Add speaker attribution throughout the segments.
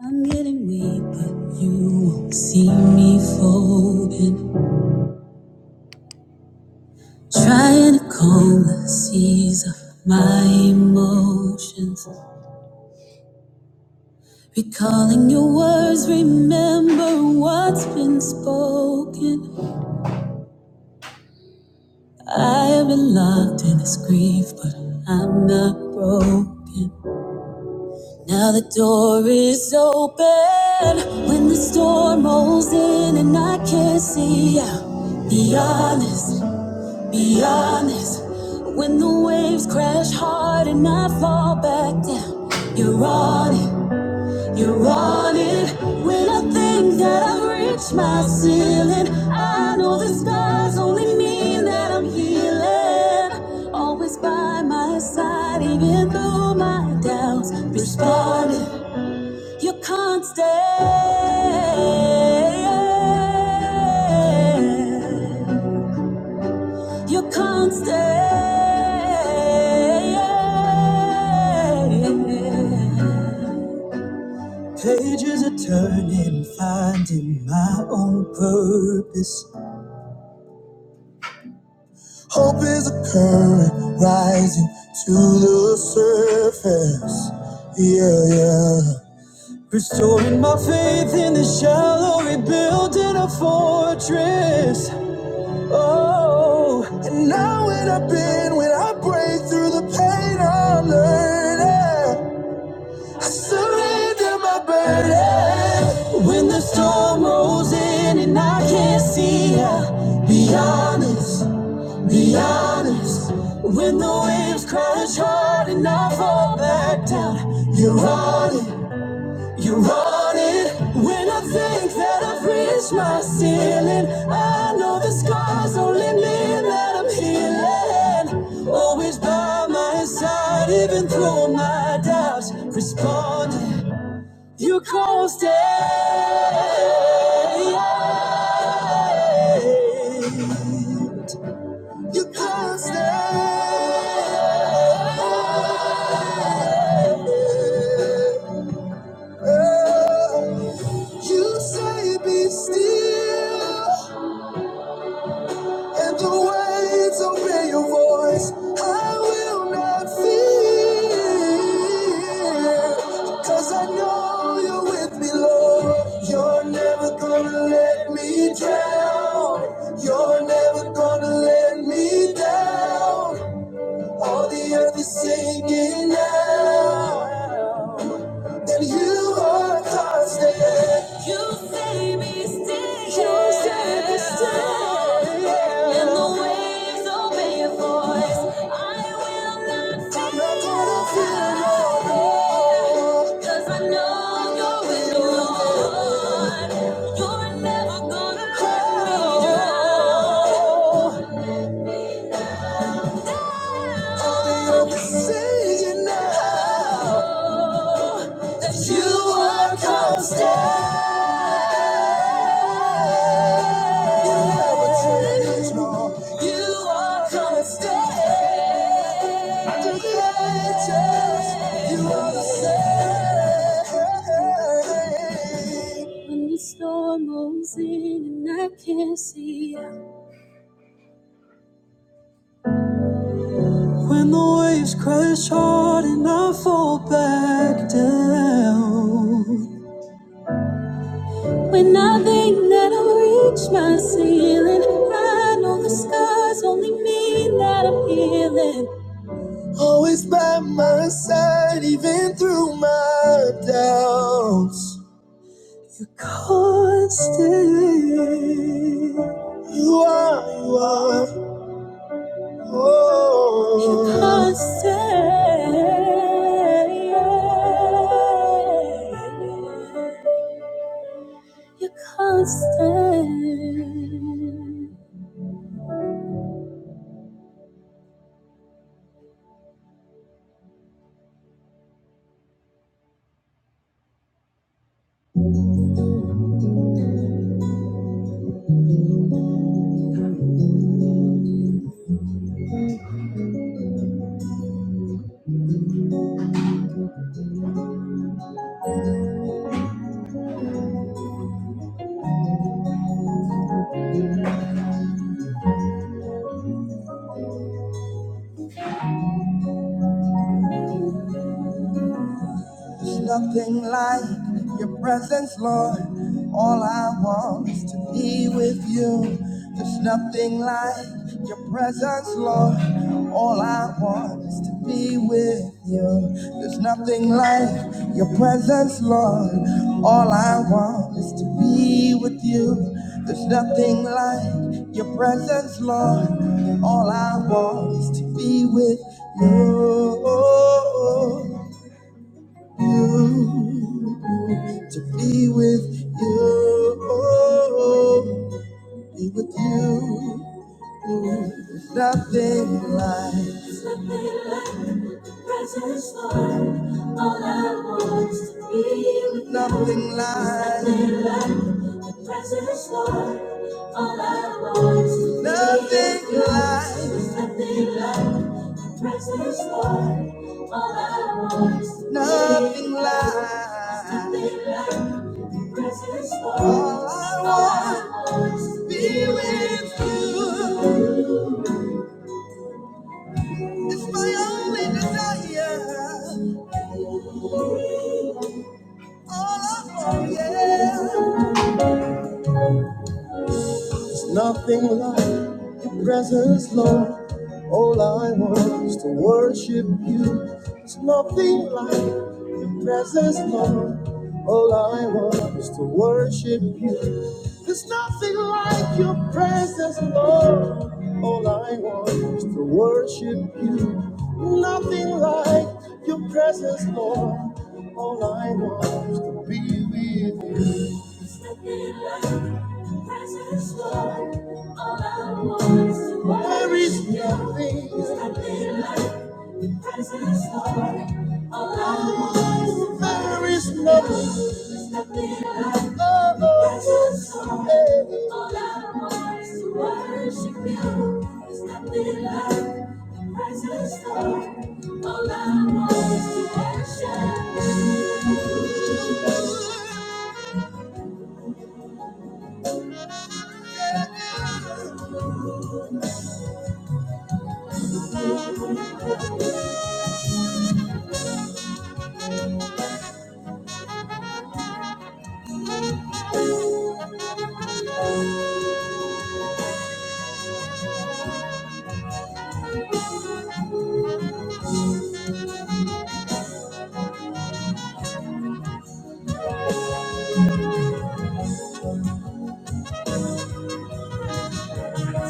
Speaker 1: I'm getting weak, but you won't see me folding. Trying to calm the seas of my emotions. Recalling your words, remember what's been spoken. I have been locked in this grief, but I'm not broken. Now the door is open when the storm rolls in and I can't see out. Be honest. Be honest, when the waves crash hard and I fall back down, you're on it, you're on it. When I think that I've reached my ceiling, I know the scars only mean that I'm healing. Always by my side, even through my doubts, responding, you're constant. You're constant. Pages are turning, finding my own purpose. Hope is a current rising to the surface. Yeah, yeah. Restoring my faith in the shallow, rebuilding a fortress. Oh, and now when I've been, when I break through the pain, I'm learning. I surrender my burden. When the storm rolls in and I can't see ya, be honest, be honest. When the waves crash hard and I fall back down, you're on it. You run it when I think that I've reached my ceiling. I know the scars only mean that I'm healing. Always by my side, even through my doubts. Respond, you constant. You constant. You say, be still. And the waves obey your voice. I will not fear. Cause I know you're with me, Lord. You're never gonna let me drown. You're never gonna let me down. All the earth is singing now that you are constant. You say be still. You say be still. And the waves obey your voice. I will not fear. I'm not gonna fear no more. 'Cause I know you're with me, Lord. You're never gonna let me down. Your precision now you are constant. You are constant. When the storm rolls in and I can't see out. When the waves crash hard and I fall back down. When I think that I'll reach my ceiling, I know the scars only mean that I'm healing. Always by my side, even through my doubts. You're constant. You are, you are. Oh, you're constant. You're constant. There's nothing like your presence, Lord. All I want is to be with you. There's nothing like your presence, Lord. All I want is to be with you. There's nothing like your presence, Lord. All I want is to be with you. There's nothing like your presence, Lord. All I want is to be with you you to be with you, be with you. Nothing like, nothing like, nothing like, nothing like. All I want to be with you. It's my only desire. All I want, yeah. Nothing like your presence, Lord. All I want is to worship you. There's nothing like your presence, Lord. All I want is to worship you. There's not your presence I want. Like, there is nothing. There is nothing. all all I I want want is is to to worship worship You. There's nothing like the presence of. All I want is to worship.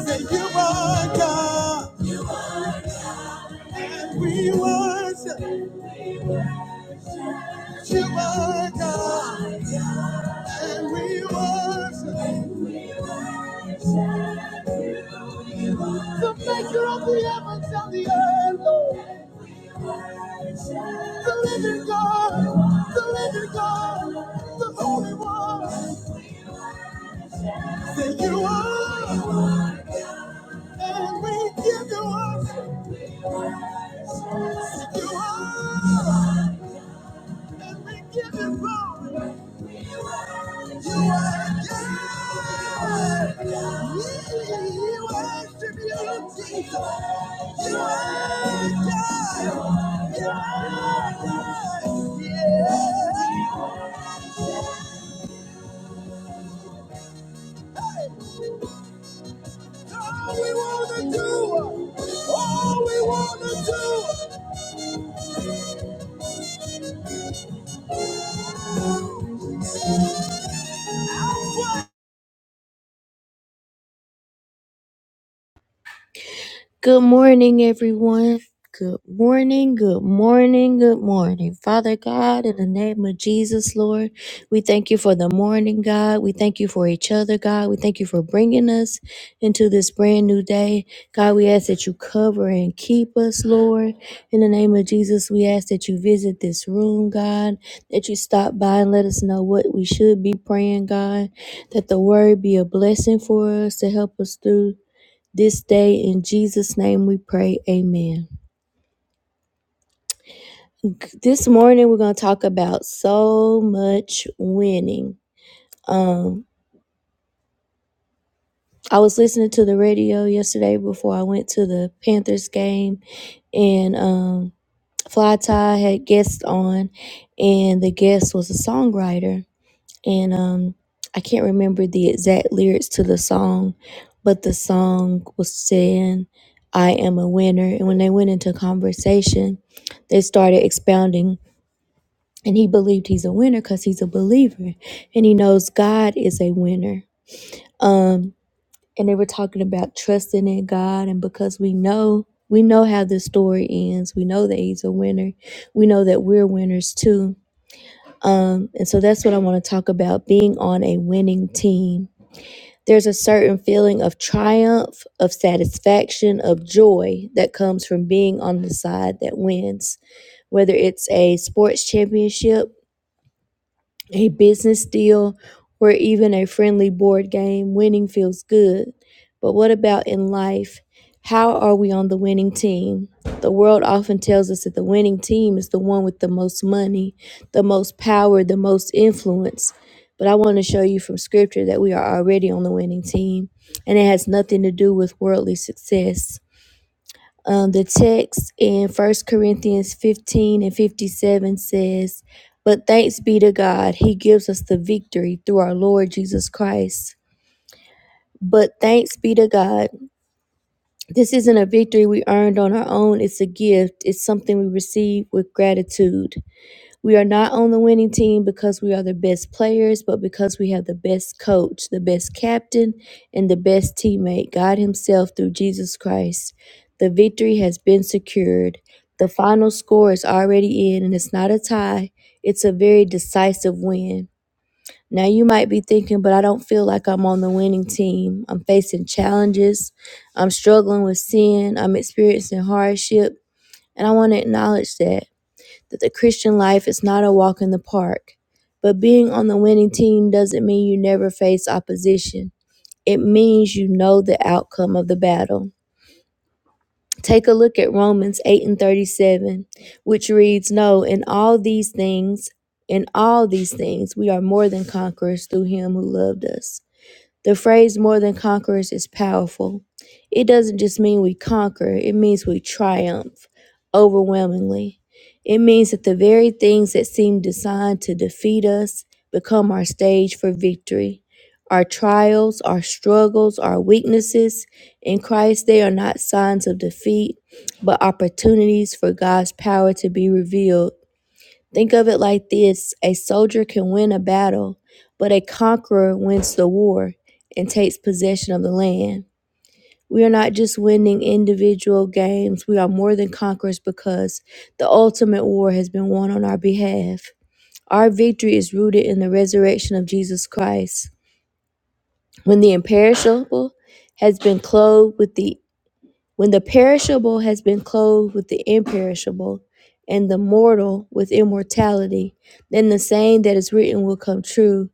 Speaker 1: Say you are God, and we worship you are God, the maker of the heavens and the earth, Lord. the living God, the living God, the holy one. And we give you all, praise. give you all, and we give you glory. You are God. We worship you, Jesus. You are God. You are God. Yeah. Hey. All we wanna do, all we wanna do. Good morning, everyone. Good morning, good morning, good morning. Father God, in the name of Jesus, Lord, we thank you for the morning, God. We thank you for each other, God. We thank you for bringing us into this brand new day. God, we ask that you cover and keep us, Lord. In the name of Jesus, we ask that you visit this room, God, that you stop by and let us know what we should be praying, God, that the word be a blessing for us to help us through this day. In Jesus' name we pray. Amen. This morning we're going to talk about so much winning. Um, I was listening to the radio yesterday before I went to the Panthers game, and um, Fly Tie had guests on, and the guest was a songwriter and um I can't remember the exact lyrics to the song, but the song was saying I am a winner and when they went into conversation, they started expounding and he believed he's a winner cuz he's a believer and he knows God is a winner. Um and they were talking about trusting in God and because we know we know how this story ends. We know that he's a winner. We know that we're winners too. Um, and so that's what I want to talk about being on a winning team there's a certain feeling of triumph, of satisfaction, of joy that comes from being on the side that wins, whether it's a sports championship a business deal, or even a friendly board game, winning feels good. But what about in life? How are we on the winning team? The world often tells us that the winning team is the one with the most money, the most power, the most influence. But I want to show you from scripture that we are already on the winning team, and it has nothing to do with worldly success. Um, the text in First Corinthians 15 and 57 says, But thanks be to God, He gives us the victory through our Lord Jesus Christ. But thanks be to God, this isn't a victory we earned on our own, it's a gift, it's something we receive with gratitude. We are not on the winning team because we are the best players, but because we have the best coach, the best captain, and the best teammate, God Himself through Jesus Christ. The victory has been secured. The final score is already in, and it's not a tie, it's a very decisive win. Now, you might be thinking, but I don't feel like I'm on the winning team. I'm facing challenges, I'm struggling with sin, I'm experiencing hardship, and I want to acknowledge that that the Christian life is not a walk in the park. But being on the winning team doesn't mean you never face opposition. It means you know the outcome of the battle. Take a look at Romans 8 and 37, which reads, No, in all these things, in all these things, we are more than conquerors through him who loved us. The phrase more than conquerors is powerful. It doesn't just mean we conquer, it means we triumph overwhelmingly. It means that the very things that seem designed to defeat us become our stage for victory. Our trials, our struggles, our weaknesses in Christ, they are not signs of defeat, but opportunities for God's power to be revealed Think of it like this a soldier can win a battle, but a conqueror wins the war and takes possession of the land. We are not just winning individual games, we are more than conquerors because the ultimate war has been won on our behalf. Our victory is rooted in the resurrection of Jesus Christ. When the imperishable has been clothed with the when the perishable has been clothed with the imperishable, and the mortal with immortality, then the saying that is written will come true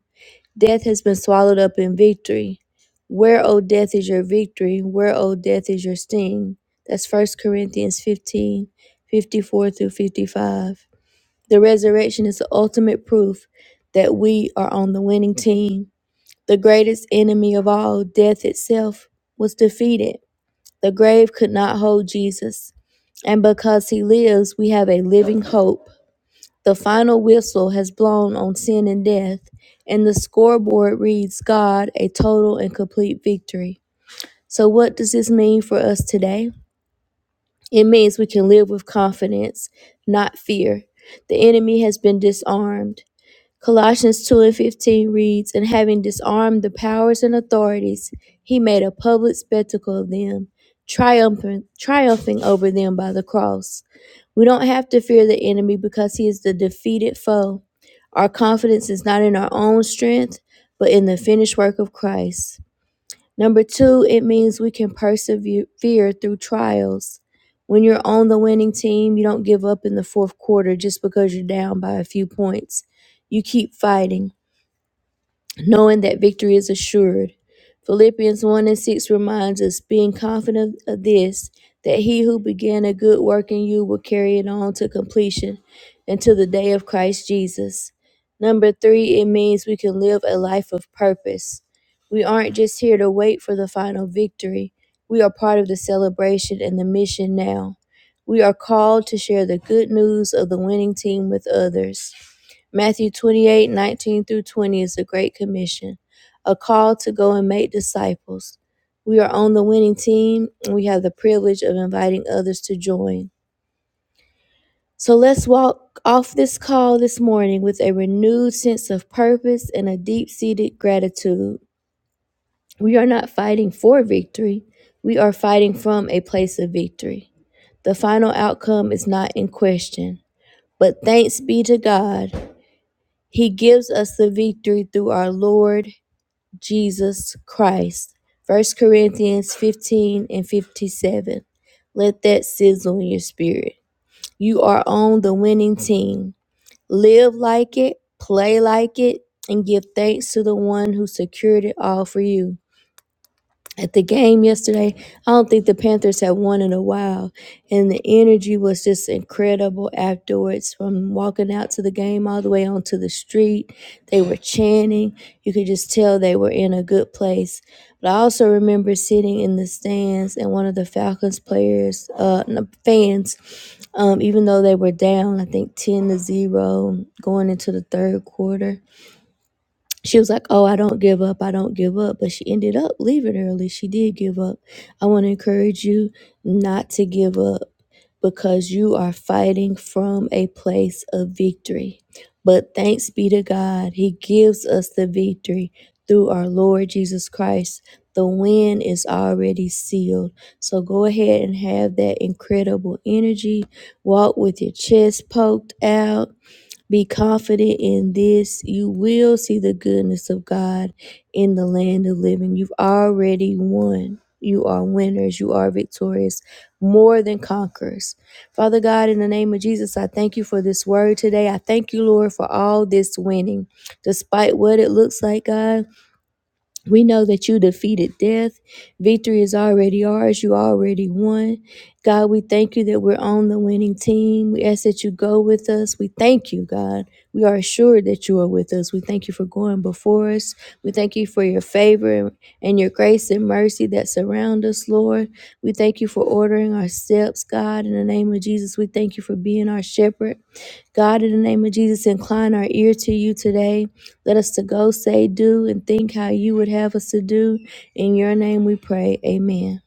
Speaker 1: Death has been swallowed up in victory. Where, O death, is your victory? Where, O death, is your sting? That's First Corinthians 15, 54 through 55. The resurrection is the ultimate proof that we are on the winning team. The greatest enemy of all, death itself, was defeated the grave could not hold Jesus. And because he lives, we have a living hope. The final whistle has blown on sin and death, and the scoreboard reads God a total and complete victory. So, what does this mean for us today? It means we can live with confidence, not fear. The enemy has been disarmed. Colossians 2 and 15 reads, And having disarmed the powers and authorities, he made a public spectacle of them, triumphant, triumphing over them by the cross. We don't have to fear the enemy because he is the defeated foe. Our confidence is not in our own strength, but in the finished work of Christ. Number two, it means we can persevere through trials. When you're on the winning team, you don't give up in the fourth quarter just because you're down by a few points. You keep fighting knowing that victory is assured. Philippians 1 and 6 reminds us, being confident of this, that he who began a good work in you will carry it on to completion until the day of Christ Jesus. Number three, it means we can live a life of purpose. We aren't just here to wait for the final victory, we are part of the celebration and the mission now. We are called to share the good news of the winning team with others. Matthew 28 19 through 20 is the Great Commission, a call to go and make disciples. We are on the winning team, and we have the privilege of inviting others to join. So let's walk off this call this morning with a renewed sense of purpose and a deep seated gratitude. We are not fighting for victory, we are fighting from a place of victory. The final outcome is not in question. But thanks be to God He gives us the victory through our Lord Jesus Christ. First Corinthians 15 and 57. Let that sizzle in your spirit. You are on the winning team. Live like it, play like it, and give thanks to the one who secured it all for you at the game yesterday. I don't think the Panthers had won in a while, and the energy was just incredible afterwards. From walking out to the game all the way onto the street, they were chanting. You could just tell they were in a good place. But I also remember sitting in the stands, and one of the Falcons players, uh, no, fans, um, even though they were down, I think ten to zero going into the third quarter she was like, Oh, I don't give up. I don't give up. But she ended up leaving early. She did give up. I want to encourage you not to give up because you are fighting from a place of victory. But thanks be to God, He gives us the victory through our Lord Jesus Christ. The win is already sealed. So go ahead and have that incredible energy. Walk with your chest poked out be confident in this. You will see the goodness of God in the land of living. You've already won. You are winners. You are victorious, more than conquerors. Father God, in the name of Jesus, I thank you for this word today. I thank you, Lord, for all this winning. Despite what it looks like, God, we know that you defeated death. Victory is already ours. You already won. God, we thank you that we're on the winning team. We ask that you go with us. We thank you, God. We are assured that you are with us. We thank you for going before us. We thank you for your favor and your grace and mercy that surround us, Lord. We thank you for ordering our steps, God. In the name of Jesus, we thank you for being our shepherd. God, in the name of Jesus, incline our ear to you today. Let us to go, say, do, and think how you would have us to do. In your name we pray. Amen.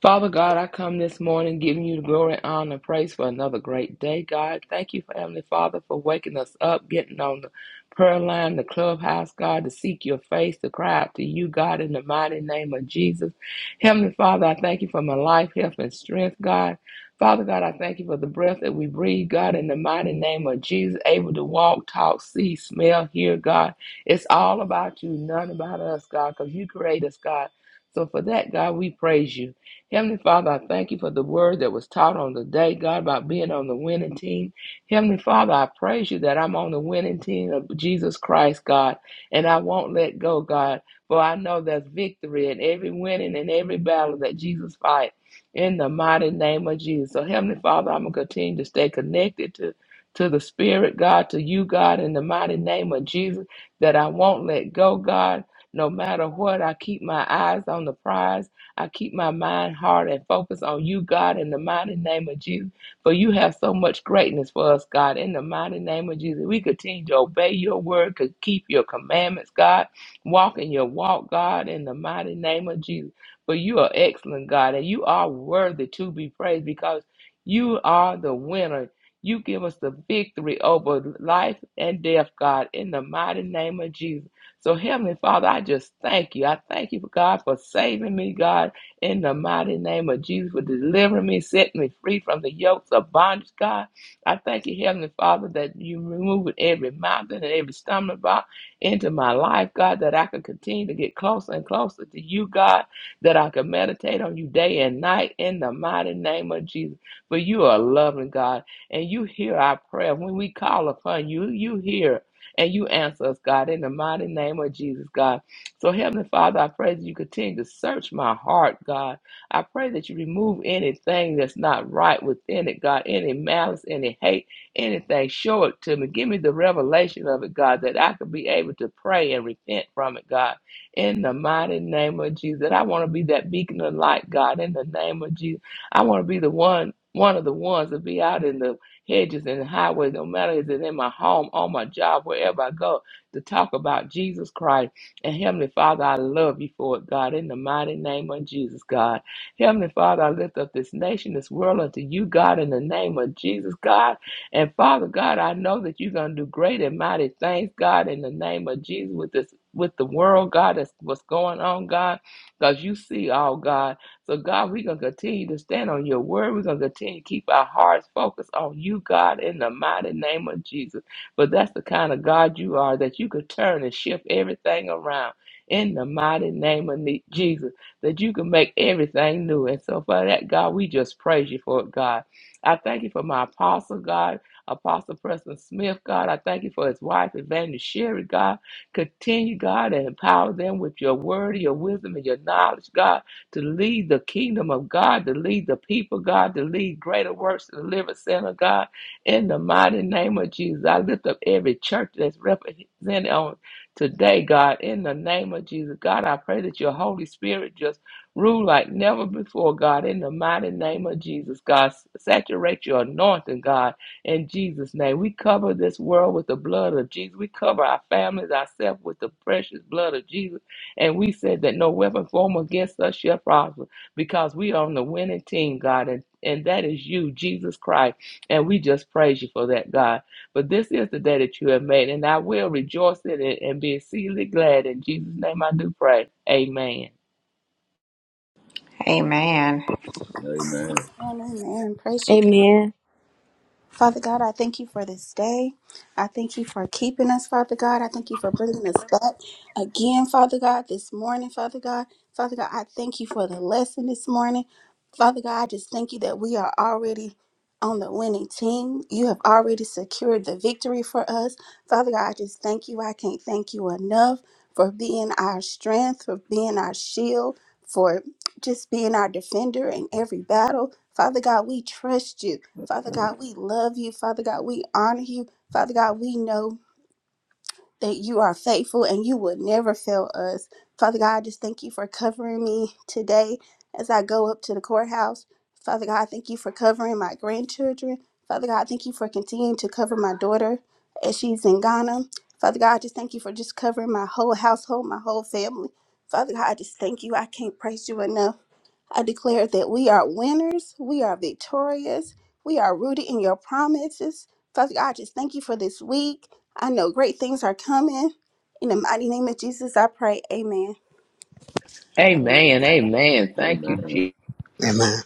Speaker 2: Father God, I come this morning giving you the glory, honor, praise for another great day, God. Thank you, Heavenly Father, for waking us up, getting on the prayer line, the clubhouse, God, to seek your face, to cry out to you, God, in the mighty name of Jesus. Heavenly Father, I thank you for my life, health, and strength, God. Father God, I thank you for the breath that we breathe, God, in the mighty name of Jesus, able to walk, talk, see, smell, hear, God. It's all about you, none about us, God, because you create us, God. So for that, God, we praise you. Heavenly Father, I thank you for the word that was taught on the day, God, about being on the winning team. Heavenly Father, I praise you that I'm on the winning team of Jesus Christ, God, and I won't let go, God, for I know there's victory in every winning and every battle that Jesus fight in the mighty name of Jesus. So, Heavenly Father, I'm going to continue to stay connected to. To the Spirit, God, to you, God, in the mighty name of Jesus, that I won't let go, God, no matter what. I keep my eyes on the prize I keep my mind, heart, and focus on you, God, in the mighty name of Jesus. For you have so much greatness for us, God, in the mighty name of Jesus. We continue to obey your word, to keep your commandments, God. Walk in your walk, God, in the mighty name of Jesus. For you are excellent, God, and you are worthy to be praised because you are the winner. You give us the victory over life and death, God, in the mighty name of Jesus. So, Heavenly Father, I just thank you. I thank you, for God, for saving me, God, in the mighty name of Jesus, for delivering me, setting me free from the yokes of bondage, God. I thank you, Heavenly Father, that you removed every mountain and every stumbling block into my life, God, that I could continue to get closer and closer to you, God, that I could meditate on you day and night in the mighty name of Jesus. For you are a loving God, and you hear our prayer. When we call upon you, you hear and you answer us, God, in the mighty name of Jesus, God. So, Heavenly Father, I pray that you continue to search my heart, God. I pray that you remove anything that's not right within it, God, any malice, any hate, anything. Show it to me. Give me the revelation of it, God, that I could be able to pray and repent from it, God, in the mighty name of Jesus. That I want to be that beacon of light, God, in the name of Jesus. I want to be the one. One of the ones to be out in the hedges and highways, no matter is it in my home, on my job, wherever I go, to talk about Jesus Christ. And Heavenly Father, I love you for it, God, in the mighty name of Jesus, God. Heavenly Father, I lift up this nation, this world unto you, God, in the name of Jesus, God. And Father God, I know that you're gonna do great and mighty things, God, in the name of Jesus with this with the world, God, that's what's going on, God, because you see all, God. So, God, we're going to continue to stand on your word. We're going to continue to keep our hearts focused on you, God, in the mighty name of Jesus. But that's the kind of God you are, that you could turn and shift everything around in the mighty name of Ne- Jesus, that you can make everything new. And so, for that, God, we just praise you for it, God. I thank you for my apostle, God, Apostle Preston Smith, God. I thank you for his wife, Evangelist Sherry, God. Continue, God, and empower them with your word, your wisdom, and your knowledge, God to lead the kingdom of God, to lead the people, God, to lead greater works to deliver center, God. In the mighty name of Jesus, I lift up every church that's represented on today, God. In the name of Jesus, God, I pray that your Holy Spirit just rule like never before, God. In the mighty name of Jesus, God, saturate your anointing, God. In Jesus' name, we cover this world with the blood of Jesus. We cover our families, ourselves with the precious blood of Jesus. And we said that no weapon formed against us shall prosper because we are on the winning team, God, and, and that is you, Jesus Christ. And we just praise you for that, God. But this is the day that you have made, and I will rejoice in it and be exceedingly glad. In Jesus' name I do pray. Amen.
Speaker 3: Amen.
Speaker 4: Amen.
Speaker 5: Amen. amen. Praise you,
Speaker 1: Amen.
Speaker 5: Father God, I thank you for this day. I thank you for keeping us, Father God. I thank you for bringing us back again, Father God, this morning, Father God. Father God, I thank you for the lesson this morning. Father God, I just thank you that we are already on the winning team. You have already secured the victory for us. Father God, I just thank you. I can't thank you enough for being our strength, for being our shield, for just being our defender in every battle. Father God, we trust you. Father God, we love you. Father God, we honor you. Father God, we know that you are faithful and you will never fail us. Father God, I just thank you for covering me today as I go up to the courthouse. Father God, I thank you for covering my grandchildren. Father God, I thank you for continuing to cover my daughter as she's in Ghana. Father God, I just thank you for just covering my whole household, my whole family. Father God, I just thank you. I can't praise you enough. I declare that we are winners, we are victorious, we are rooted in your promises. Father God, I just thank you for this week. I know great things are coming. In the mighty name of Jesus, I pray. Amen.
Speaker 3: Amen.
Speaker 2: Amen. Amen. Thank you,
Speaker 4: Amen.
Speaker 2: Jesus.
Speaker 6: Amen.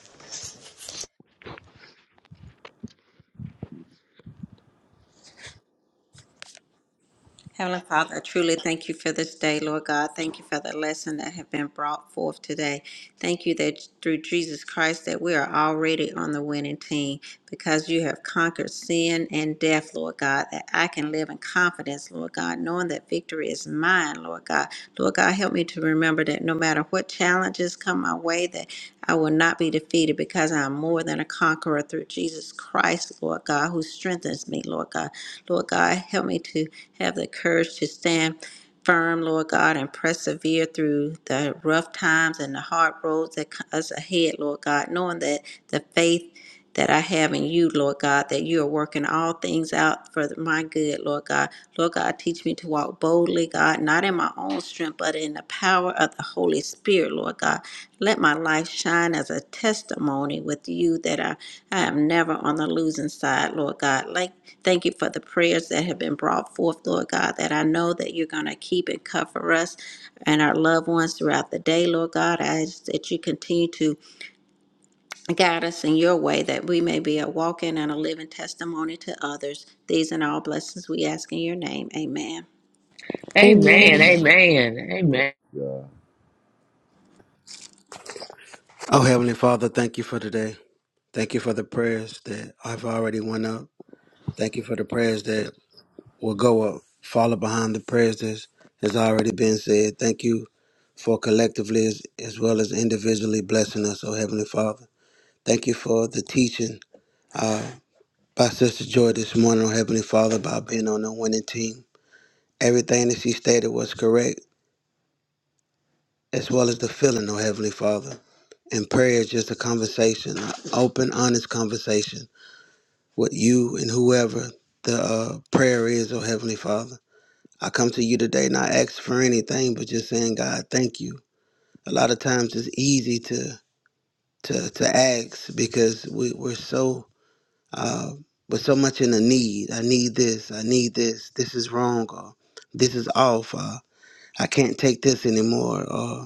Speaker 3: Heavenly Father, I truly thank you for this day, Lord God. Thank you for the lesson that have been brought forth today. Thank you that through Jesus Christ that we are already on the winning team because you have conquered sin and death, Lord God, that I can live in confidence, Lord God, knowing that victory is mine, Lord God. Lord God, help me to remember that no matter what challenges come my way, that I will not be defeated because I am more than a conqueror through Jesus Christ, Lord God, who strengthens me, Lord God. Lord God, help me to have the courage to stand firm, Lord God, and persevere through the rough times and the hard roads that co- us ahead, Lord God, knowing that the faith that I have in you, Lord God, that you are working all things out for my good, Lord God. Lord God, teach me to walk boldly, God, not in my own strength, but in the power of the Holy Spirit, Lord God. Let my life shine as a testimony with you that I, I am never on the losing side, Lord God. Like, thank you for the prayers that have been brought forth, Lord God, that I know that you're going to keep and cover us and our loved ones throughout the day, Lord God. I ask that you continue to Guide us in your way that we may be a walking and a living testimony to others. These and all blessings we ask in your name. Amen.
Speaker 1: Amen.
Speaker 2: Amen.
Speaker 4: Amen.
Speaker 2: Amen.
Speaker 4: Praise
Speaker 2: Amen.
Speaker 4: God.
Speaker 6: Oh, Heavenly Father, thank you for today. Thank you for the prayers that I've already went up. Thank you for the prayers that will go up, follow behind the prayers that has already been said. Thank you for collectively as, as well as individually blessing us, oh Heavenly Father. Thank you for the teaching uh, by Sister Joy this morning, oh Heavenly Father, about being on the winning team. Everything that she stated was correct. as well as the feeling, oh Heavenly Father. And prayer is just a conversation, an open, honest conversation with you and whoever the uh, prayer is, oh Heavenly Father. I come to you today not asking for anything, but just saying, God, thank you. A lot of times it's easy to to, to ask because we, we're so uh, we're so much in a need. I need this. I need this. This is wrong. Or this is off. Or I can't take this anymore. Or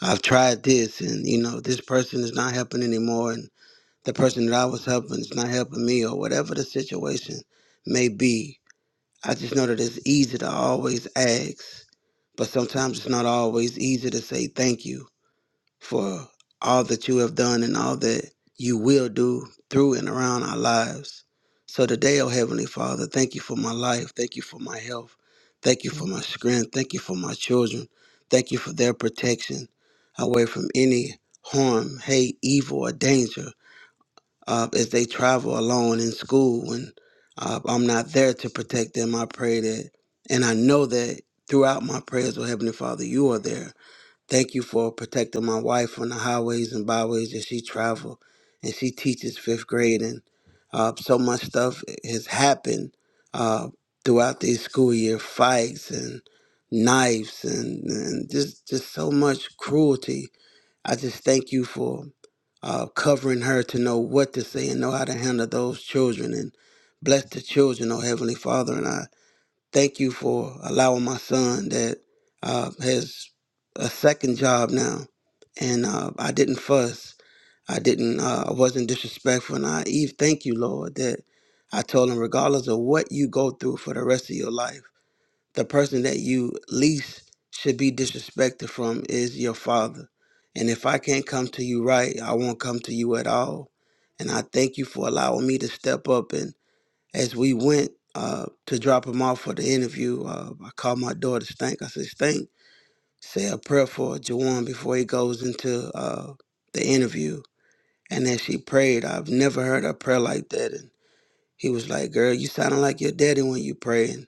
Speaker 6: I've tried this and you know this person is not helping anymore and the person that I was helping is not helping me or whatever the situation may be. I just know that it's easy to always ask, but sometimes it's not always easy to say thank you for all that you have done and all that you will do through and around our lives. So today, oh Heavenly Father, thank you for my life. Thank you for my health. Thank you for my strength. Thank you for my children. Thank you for their protection away from any harm, hate, evil, or danger uh, as they travel alone in school when uh, I'm not there to protect them. I pray that, and I know that throughout my prayers, oh Heavenly Father, you are there Thank you for protecting my wife on the highways and byways as she travel, and she teaches fifth grade, and uh, so much stuff has happened uh, throughout this school year: fights and knives, and, and just just so much cruelty. I just thank you for uh, covering her to know what to say and know how to handle those children, and bless the children, oh Heavenly Father, and I. Thank you for allowing my son that uh, has a second job now. And uh, I didn't fuss. I didn't. Uh, I wasn't disrespectful. And I, Eve, thank you, Lord, that I told him, regardless of what you go through for the rest of your life, the person that you least should be disrespected from is your father. And if I can't come to you right, I won't come to you at all. And I thank you for allowing me to step up and as we went uh, to drop him off for the interview, uh, I called my daughter Stink. I said, Stink, say a prayer for Jawan before he goes into uh, the interview. And as she prayed, I've never heard a prayer like that. And he was like, Girl, you sounding like your daddy when you pray. And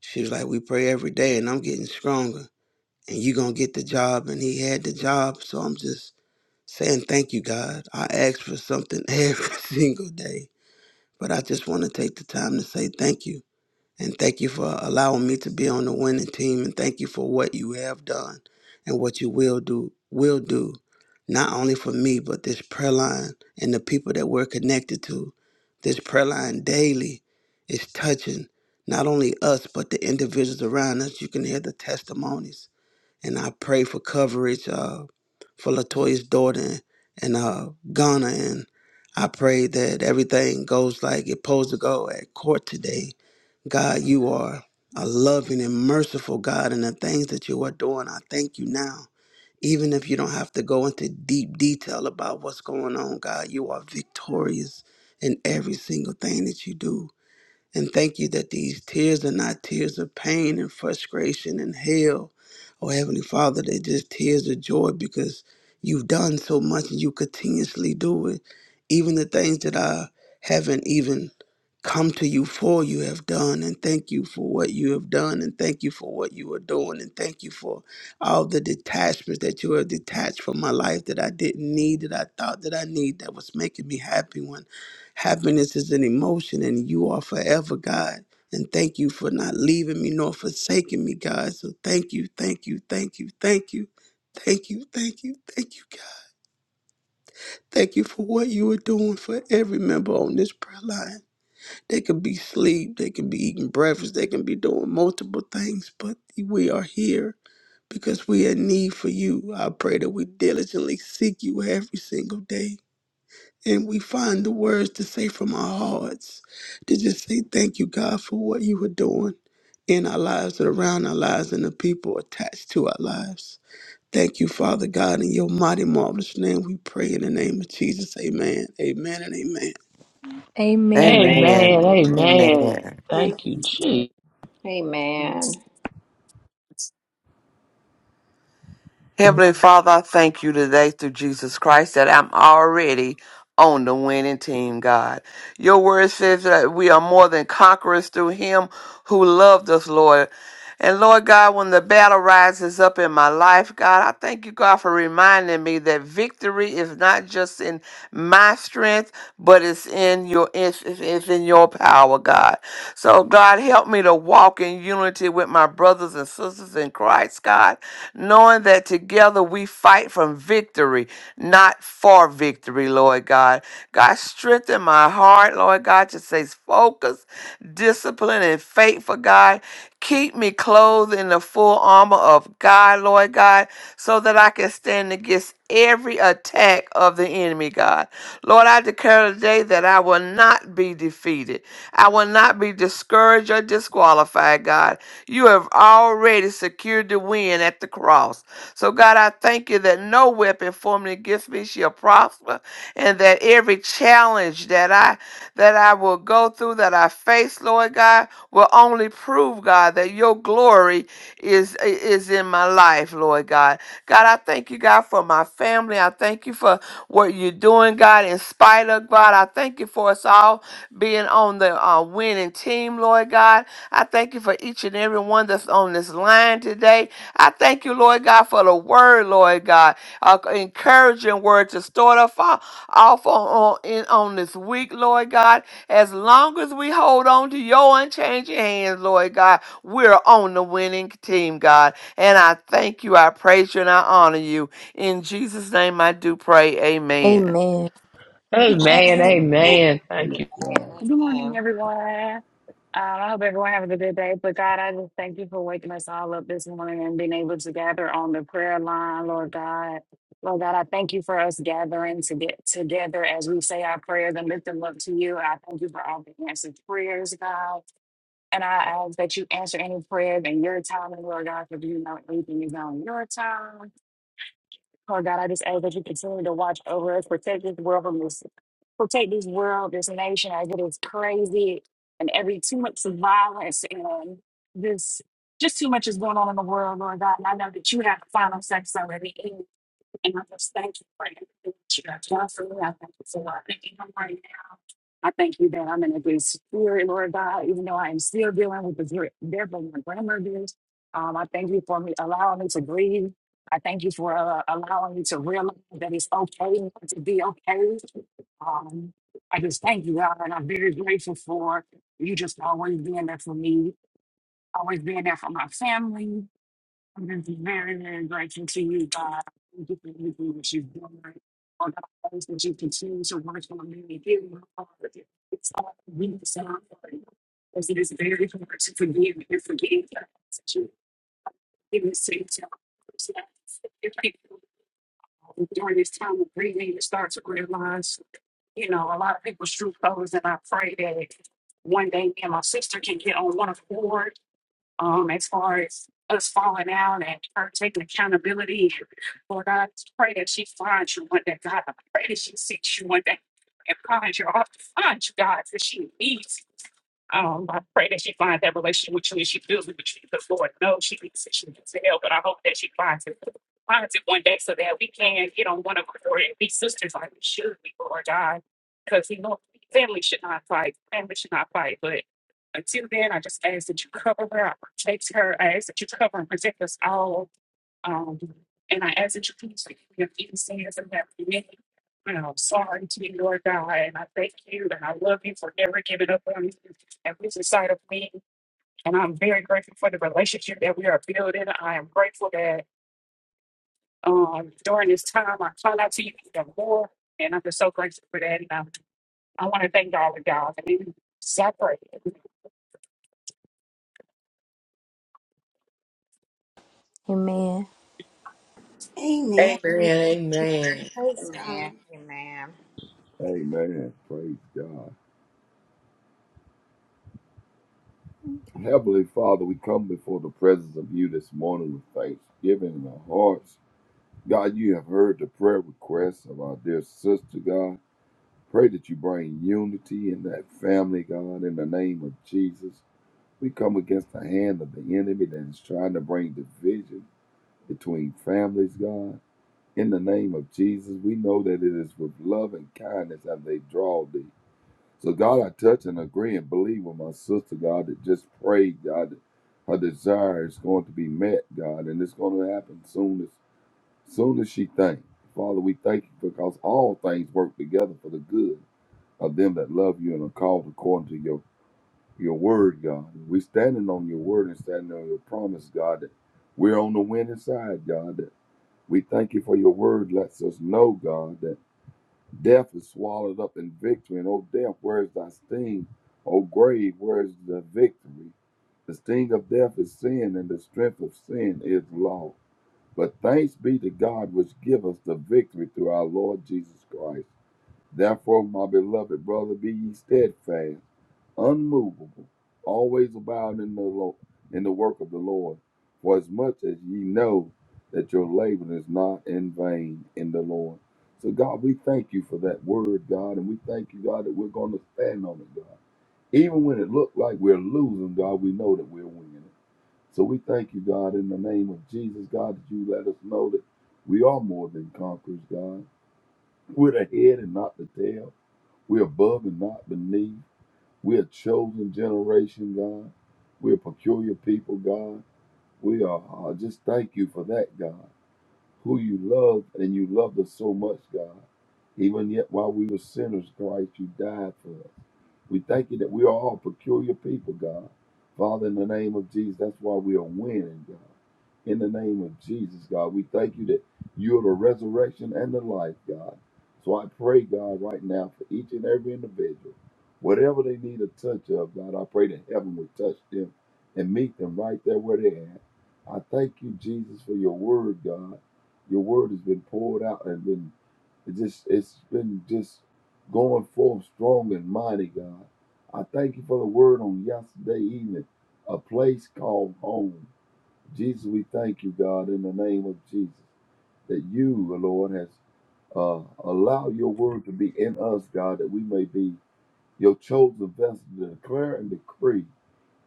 Speaker 6: she was like, We pray every day, and I'm getting stronger. And you going to get the job. And he had the job. So I'm just saying thank you, God. I ask for something every single day, but I just want to take the time to say thank you. And thank you for allowing me to be on the winning team. And thank you for what you have done and what you will do, will do, not only for me, but this prayer line and the people that we're connected to. This prayer line daily is touching not only us, but the individuals around us. You can hear the testimonies. And I pray for coverage uh, for Latoya's daughter and uh, Ghana. And I pray that everything goes like it's supposed to go at court today God, you are a loving and merciful God, and the things that you are doing, I thank you now. Even if you don't have to go into deep detail about what's going on, God, you are victorious in every single thing that you do. And thank you that these tears are not tears of pain and frustration and hell. Oh, Heavenly Father, they're just tears of joy because you've done so much and you continuously do it. Even the things that I haven't even come to you for, you have done. And thank you for what you have done. And thank you for what you are doing. And thank you for all the detachments that you have detached from my life that I didn't need, that I thought that I need, that was making me happy when. Happiness is an emotion, and you are forever, God. And thank you for not leaving me nor forsaking me, God. So thank you, thank you, thank you, thank you, thank you, thank you, thank you, God. Thank you for what you are doing for every member on this prayer line. They could be asleep, they could be eating breakfast, they can be doing multiple things, but we are here because we are in need for you. I pray that we diligently seek you every single day and we find the words to say from our hearts to just say thank you god for what you are doing in our lives and around our lives and the people attached to our lives thank you father god in your mighty marvelous name we pray in the name of jesus amen amen and amen
Speaker 7: Amen.
Speaker 2: Amen.
Speaker 8: Amen.
Speaker 4: Amen.
Speaker 7: Amen.
Speaker 2: Amen. Thank you,
Speaker 4: God.
Speaker 2: Jesus.
Speaker 8: Good
Speaker 3: Amen.
Speaker 7: Heavenly Father, I thank you today through Jesus Christ that I'm already on the winning team, God. Your word says that we are more than conquerors through him who loved us, Lord. And Lord God, when the battle rises up in my life, God, I thank you, God, for reminding me that victory is not just in my strength, but it's in your it's, it's it's in your power, God. So God, help me to walk in unity with my brothers and sisters in Christ, God knowing that together we fight from victory, not for victory, Lord God. God, strengthen my heart, Lord God, to stay focused, disciplined, and faithful, God. Keep me clothed in the full armor of God, Lord God, so that I can stand against every attack of the enemy, God. Lord, I declare today that I will not be defeated. I will not be discouraged or disqualified, God. You have already secured the win at the cross. So, God, I thank you that no weapon formed against me shall prosper, and that every challenge that I that I will go through, that I face, Lord God, will only prove, God, that your glory is is in my life, Lord God. God, I thank you, God, for my family. I thank you for what you're doing, God, in spite of God. I thank you for us all being on the uh, winning team, Lord God. I thank you for each and every one that's on this line today. I thank you, Lord God, for the word, Lord God, uh, encouraging word to start off, uh, off on, on, in, on this week, Lord God. As long as we hold on to your unchanging hands, Lord God, we're on the winning team, God. And I thank you, I praise you, and I honor you. In Jesus' name I do pray. Amen.
Speaker 1: Amen.
Speaker 2: Amen.
Speaker 5: Amen.
Speaker 4: Amen.
Speaker 2: Amen.
Speaker 4: Praise
Speaker 2: Thank you.
Speaker 4: God.
Speaker 3: Amen.
Speaker 8: morning,
Speaker 3: Amen.
Speaker 8: everyone. Um, I hope everyone having a good day. But God, I just thank you for waking us all up this morning and being able to gather on the prayer line, Lord God. Lord God, I thank you for us gathering to get together as we say our prayers and lift them up to you. I thank you for all the answered prayers, God. And I ask that you answer any prayers in your time, Lord God, because you know everything is on your time. Lord God, I just ask that you continue to watch over us, protect this world from this, protect this world, this nation as it is crazy and every too much violence and this just too much is going on in the world, Lord God. And I know that you have the final say so at And I just thank you for everything that you have done for me. I thank you so much. thank you for. I thank you that I'm in a good spirit, Lord God, even though I am still dealing with the dri- death of my grandmothers. Um, I thank you for me allowing me to grieve. I thank you for uh, allowing me to realize that it's okay not to be okay. Um, I just thank you, God, and I'm very grateful for you just always being there for me, always being there for my family. It is very, very grateful to you, God. Thank you for everything that you've done. All the ways that you continue to work on me, give me heart. It's all we desire for you. Because it is very hard to forgive and forgive us that you even say to others. Yes. If people during this time of grieving, start to realize, you know, a lot of people's true colors, and I pray that one day me and my sister can get on one accord um, as far as us falling out and her taking accountability. Lord I just pray that she finds you one day, God. I pray that she seeks you one day and finds you. I find you, God, that she needs. Um, I pray that she finds that relationship with you and she feels it with you because Lord knows she needs it, she needs the help. But I hope that she finds it, finds it one day so that we can get on one accord and be sisters like we should be, Lord God. Because we know family should not fight, family should not fight. But until then, I just ask that you cover her, I protect her, I ask that you cover and protect us all um, and I ask that you please forgive me of any sins that have been committed. And I'm sorry to you, Lord God, and I thank you and I love you for never giving up on me and losing sight of me. And I'm very grateful for the relationship that we are building. I am grateful that um, during this time I found out to you even more. And I'm just so grateful for that. And I, I want to thank all of y'all for being separate.
Speaker 1: Amen.
Speaker 5: Amen.
Speaker 2: Amen. Amen.
Speaker 5: Praise God.
Speaker 3: Amen. Amen.
Speaker 4: Amen. Praise God. Heavenly Father, we come before the presence of you this morning with thanksgiving in our hearts. God, you have heard the prayer requests of our dear sister, God. Pray that you bring unity in that family, God, in the name of Jesus. We come against the hand of the enemy that is trying to bring division between families, God. In the name of Jesus, we know that it is with love and kindness have they draw thee. So, God, I touch and agree and believe with my sister, God, that just prayed, God, that her desire is going to be met, God, and it's going to happen soon as soon as she thinks. Father, we thank you because all things work together for the good of them that love you and are called according to your your word, God. We're standing on your word and standing on your promise, God, that we're on the winning side, God. that we thank you for your word lets us know, God, that death is swallowed up in victory. And oh, death, where is thy sting? Oh, grave, where is the victory? The sting of death is sin, and the strength of sin is law. But thanks be to God, which give us the victory through our Lord Jesus Christ. Therefore, my beloved brother, be ye steadfast unmovable, always abound in the Lord, in the work of the Lord. For as much as ye know that your labor is not in vain in the Lord. So God, we thank you for that word, God, and we thank you, God, that we're going to stand on it, God. Even when it looked like we're losing, God, we know that we're winning it. So we thank you, God, in the name of Jesus, God, that you let us know that we are more than conquerors, God. We're the head and not the tail. We're above and not beneath. We're a chosen generation, God. We're a peculiar people, God. We are. uh, just thank you for that, God who you loved and you loved us so much, God. Even yet, while we were sinners, Christ, you died for us. We thank you that we are all peculiar people, God. Father, in the name of Jesus, that's why we are winning, God. In the name of Jesus, God, we thank you that you're the resurrection and the life, God. So I pray, God, right now for each and every individual, whatever they need a touch of, God, I pray that heaven would touch them and meet them right there where they're at. I thank you, Jesus, for your word, God. Your word has been poured out and been it just it's been just going forth strong and mighty, God. I thank you for the word on yesterday evening, a place called home. Jesus, we thank you, God, in the name of Jesus, that you, the Lord, has uh, allowed your word to be in us, God, that we may be your chosen vessel to declare and decree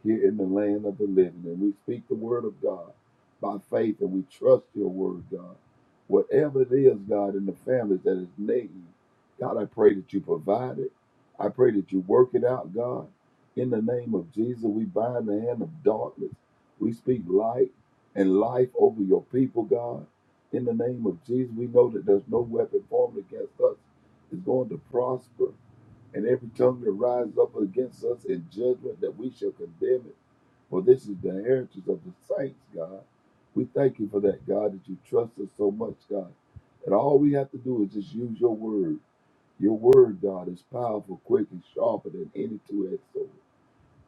Speaker 4: here in the land of the living. And we speak the word of God by faith and we trust your word, God. Whatever it is, God, in the families that is needing, God, I pray that you provide it. I pray that you work it out, God. In the name of Jesus, we bind the hand of darkness. We speak light and life over your people, God. In the name of Jesus, we know that there's no weapon formed against us is going to prosper and every tongue that rises up against us in judgment that we shall condemn it. For this is the heritage of the saints, God. We thank you for that, God, that you trust us so much, God. And all we have to do is just use your word. Your word, God, is powerful, quick, and sharper than any two-edged sword.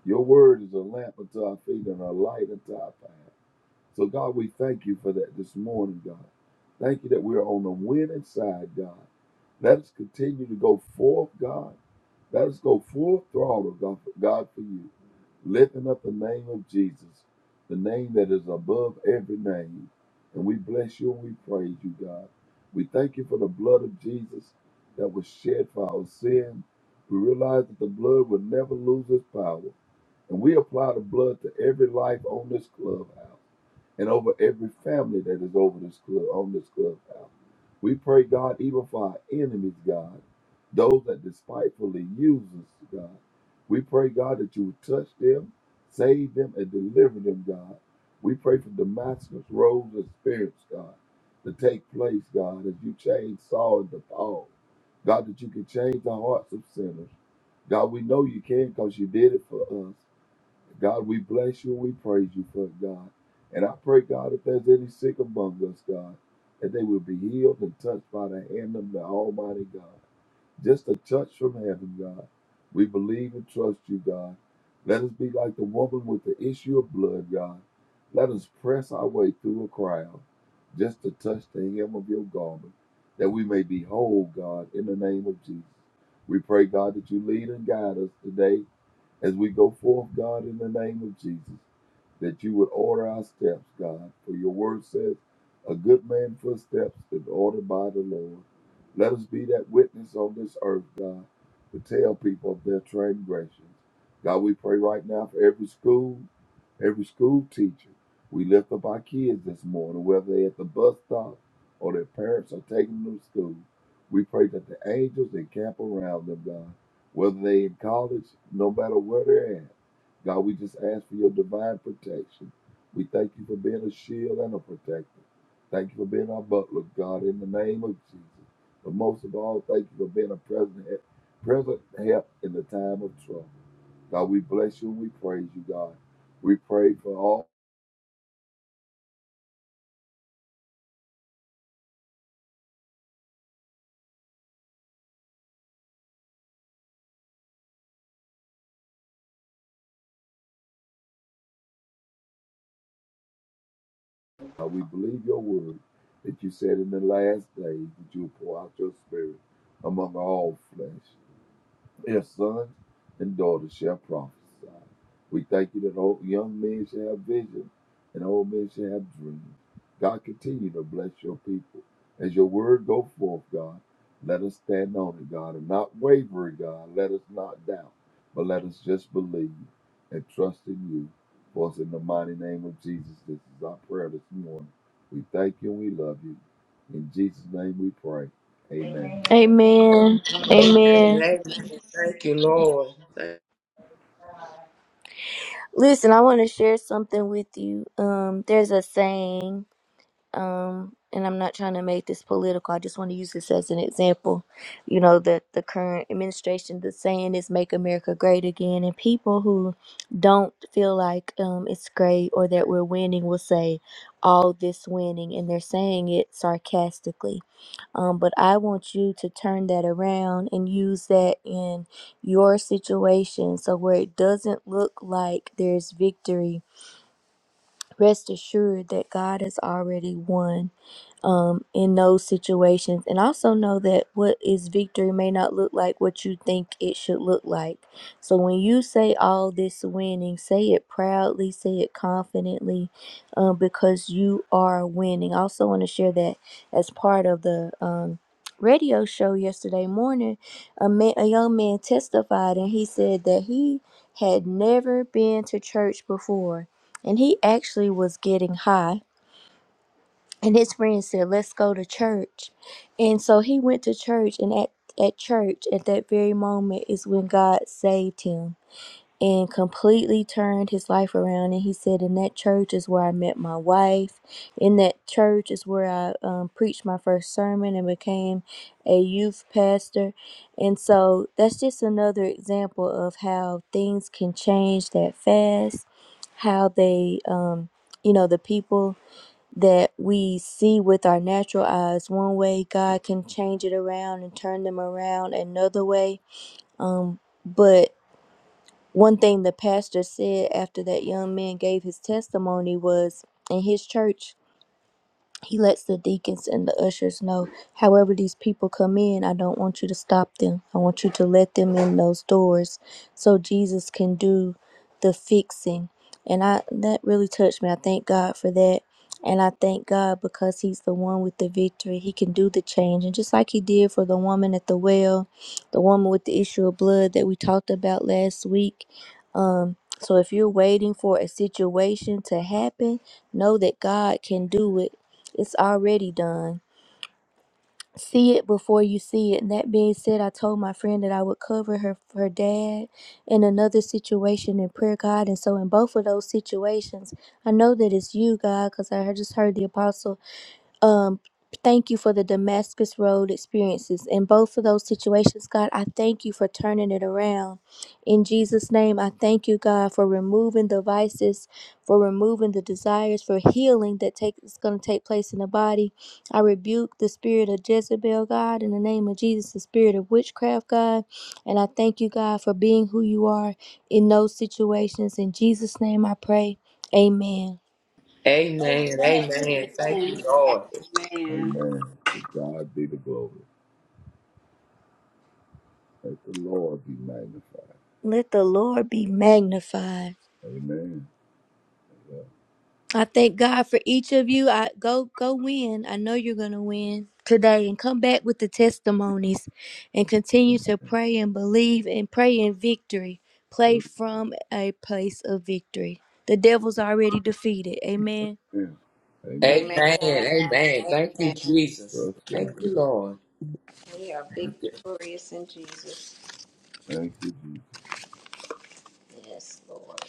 Speaker 4: Your word is a lamp unto our feet and a light unto our path. So, God, we thank you for that this morning, God. Thank you that we're on the winning side, God. Let us continue to go forth, God. Let us go full throttle, God, God, for you. Lifting up the name of Jesus, the name that is above every name. And we bless you and we praise you, God. We thank you for the blood of Jesus that was shed for our sin. We realize that the blood will never lose its power. And we apply the blood to every life on this clubhouse and over every family that is over this club on this clubhouse. We pray, God, even for our enemies, God, those that despitefully use us, God. We pray, God, that you would touch them, save them, and deliver them, God. We pray for Damascus Roads experience, God, to take place, God, as you change Saul into Paul. God, that you can change the hearts of sinners. God, we know you can because you did it for us. God, we bless you and we praise you for it, God. And I pray, God, if there's any sick among us, God, that they will be healed and touched by the hand of the Almighty God. Just a touch from heaven, God. We believe and trust you, God. Let us be like the woman with the issue of blood, God. Let us press our way through a crowd just to touch the hem of your garment, that we may be whole, God, in the name of Jesus. We pray, God, that you lead and guide us today as we go forth, God, in the name of Jesus, that you would order our steps, God, for your word says, a good man's footsteps is ordered by the Lord. Let us be that witness on this earth, God, to tell people of their transgressions. God, we pray right now for every school, every school teacher. We lift up our kids this morning, whether they're at the bus stop or their parents are taking them to school. We pray that the angels encamp around them, God whether they in college, no matter where they're at. God, we just ask for your divine protection. We thank you for being a shield and a protector. Thank you for being our butler, God, in the name of Jesus. But most of all, thank you for being a present, present help in the time of trouble. God, we bless you and we praise you, God. We pray for all. God, we believe your word that you said in the last days that you will pour out your spirit among all flesh. Their son and daughter shall prophesy. We thank you that old young men shall have vision and old men shall have dreams. God, continue to bless your people. As your word go forth, God, let us stand on it, God, and not waver, God. Let us not doubt, but let us just believe and trust in you. For us in the mighty name of Jesus, this is our prayer this morning. We thank you and we love you. In Jesus' name we pray. Amen.
Speaker 1: Amen.
Speaker 2: Amen.
Speaker 1: Amen.
Speaker 2: Amen. Thank you, Lord. Thank-
Speaker 1: Listen, I want to share something with you. Um, there's a saying. um and i'm not trying to make this political i just want to use this as an example you know that the current administration the saying is make america great again and people who don't feel like um it's great or that we're winning will say all this winning and they're saying it sarcastically um but i want you to turn that around and use that in your situation so where it doesn't look like there's victory rest assured that god has already won um, in those situations. And also know that what is victory may not look like what you think it should look like. So when you say all this winning, say it proudly, say it confidently, um, because you are winning. I also want to share that as part of the um, radio show yesterday morning, a, man, a young man testified and he said that he had never been to church before. And he actually was getting high and his friend said, "Let's go to church." And so he went to church, and at at church at that very moment is when God saved him and completely turned his life around. And he said, "In that church is where I met my wife. In that church is where I um, preached my first sermon and became a youth pastor." And so that's just another example of how things can change that fast, how they, um, you know, the people that we see with our natural eyes one way god can change it around and turn them around another way um but one thing the pastor said after that young man gave his testimony was in his church he lets the deacons and the ushers know, however, these people come in, I don't want you to stop them. I want you to let them in those doors so Jesus can do the fixing. And I that really touched me. I thank God for that. And I thank God because He's the one with the victory. He can do the change. And just like He did for the woman at the well, the woman with the issue of blood that we talked about last week. Um, so if you're waiting for a situation to happen, know that God can do it it's already done. See it before you see it. And that being said, I told my friend that I would cover her her dad in another situation in prayer, God. And so in both of those situations, I know that it's you, God, because I had just heard the apostle um thank you for the Damascus Road experiences. In both of those situations, God, I thank you for turning it around. In Jesus' name, I thank you, God, for removing the vices, for removing the desires, for healing that take is going to take place in the body. I rebuke the spirit of Jezebel, God, in the name of Jesus, the spirit of witchcraft, God. And I thank you, God, for being who you are in those situations. In Jesus' name I pray. Amen.
Speaker 2: Amen. Amen. Thank you, Lord.
Speaker 3: Amen.
Speaker 4: Amen. To God be the glory. Let the Lord be magnified.
Speaker 1: Let the Lord be magnified.
Speaker 4: Amen.
Speaker 1: I thank God for each of you. I go go win. I know you're gonna win today and come back with the testimonies and continue to pray and believe and pray in victory. Play
Speaker 4: Yeah.
Speaker 1: from a place of victory. The devil's already defeated. Amen.
Speaker 4: Amen. Amen.
Speaker 3: Amen.
Speaker 2: Amen. Amen. Thank you,
Speaker 3: Amen.
Speaker 2: Jesus.
Speaker 4: Trust
Speaker 2: Thank
Speaker 4: God.
Speaker 2: you, Lord.
Speaker 3: We are victorious in Jesus.
Speaker 4: Thank you, Jesus.
Speaker 3: Yes, Lord.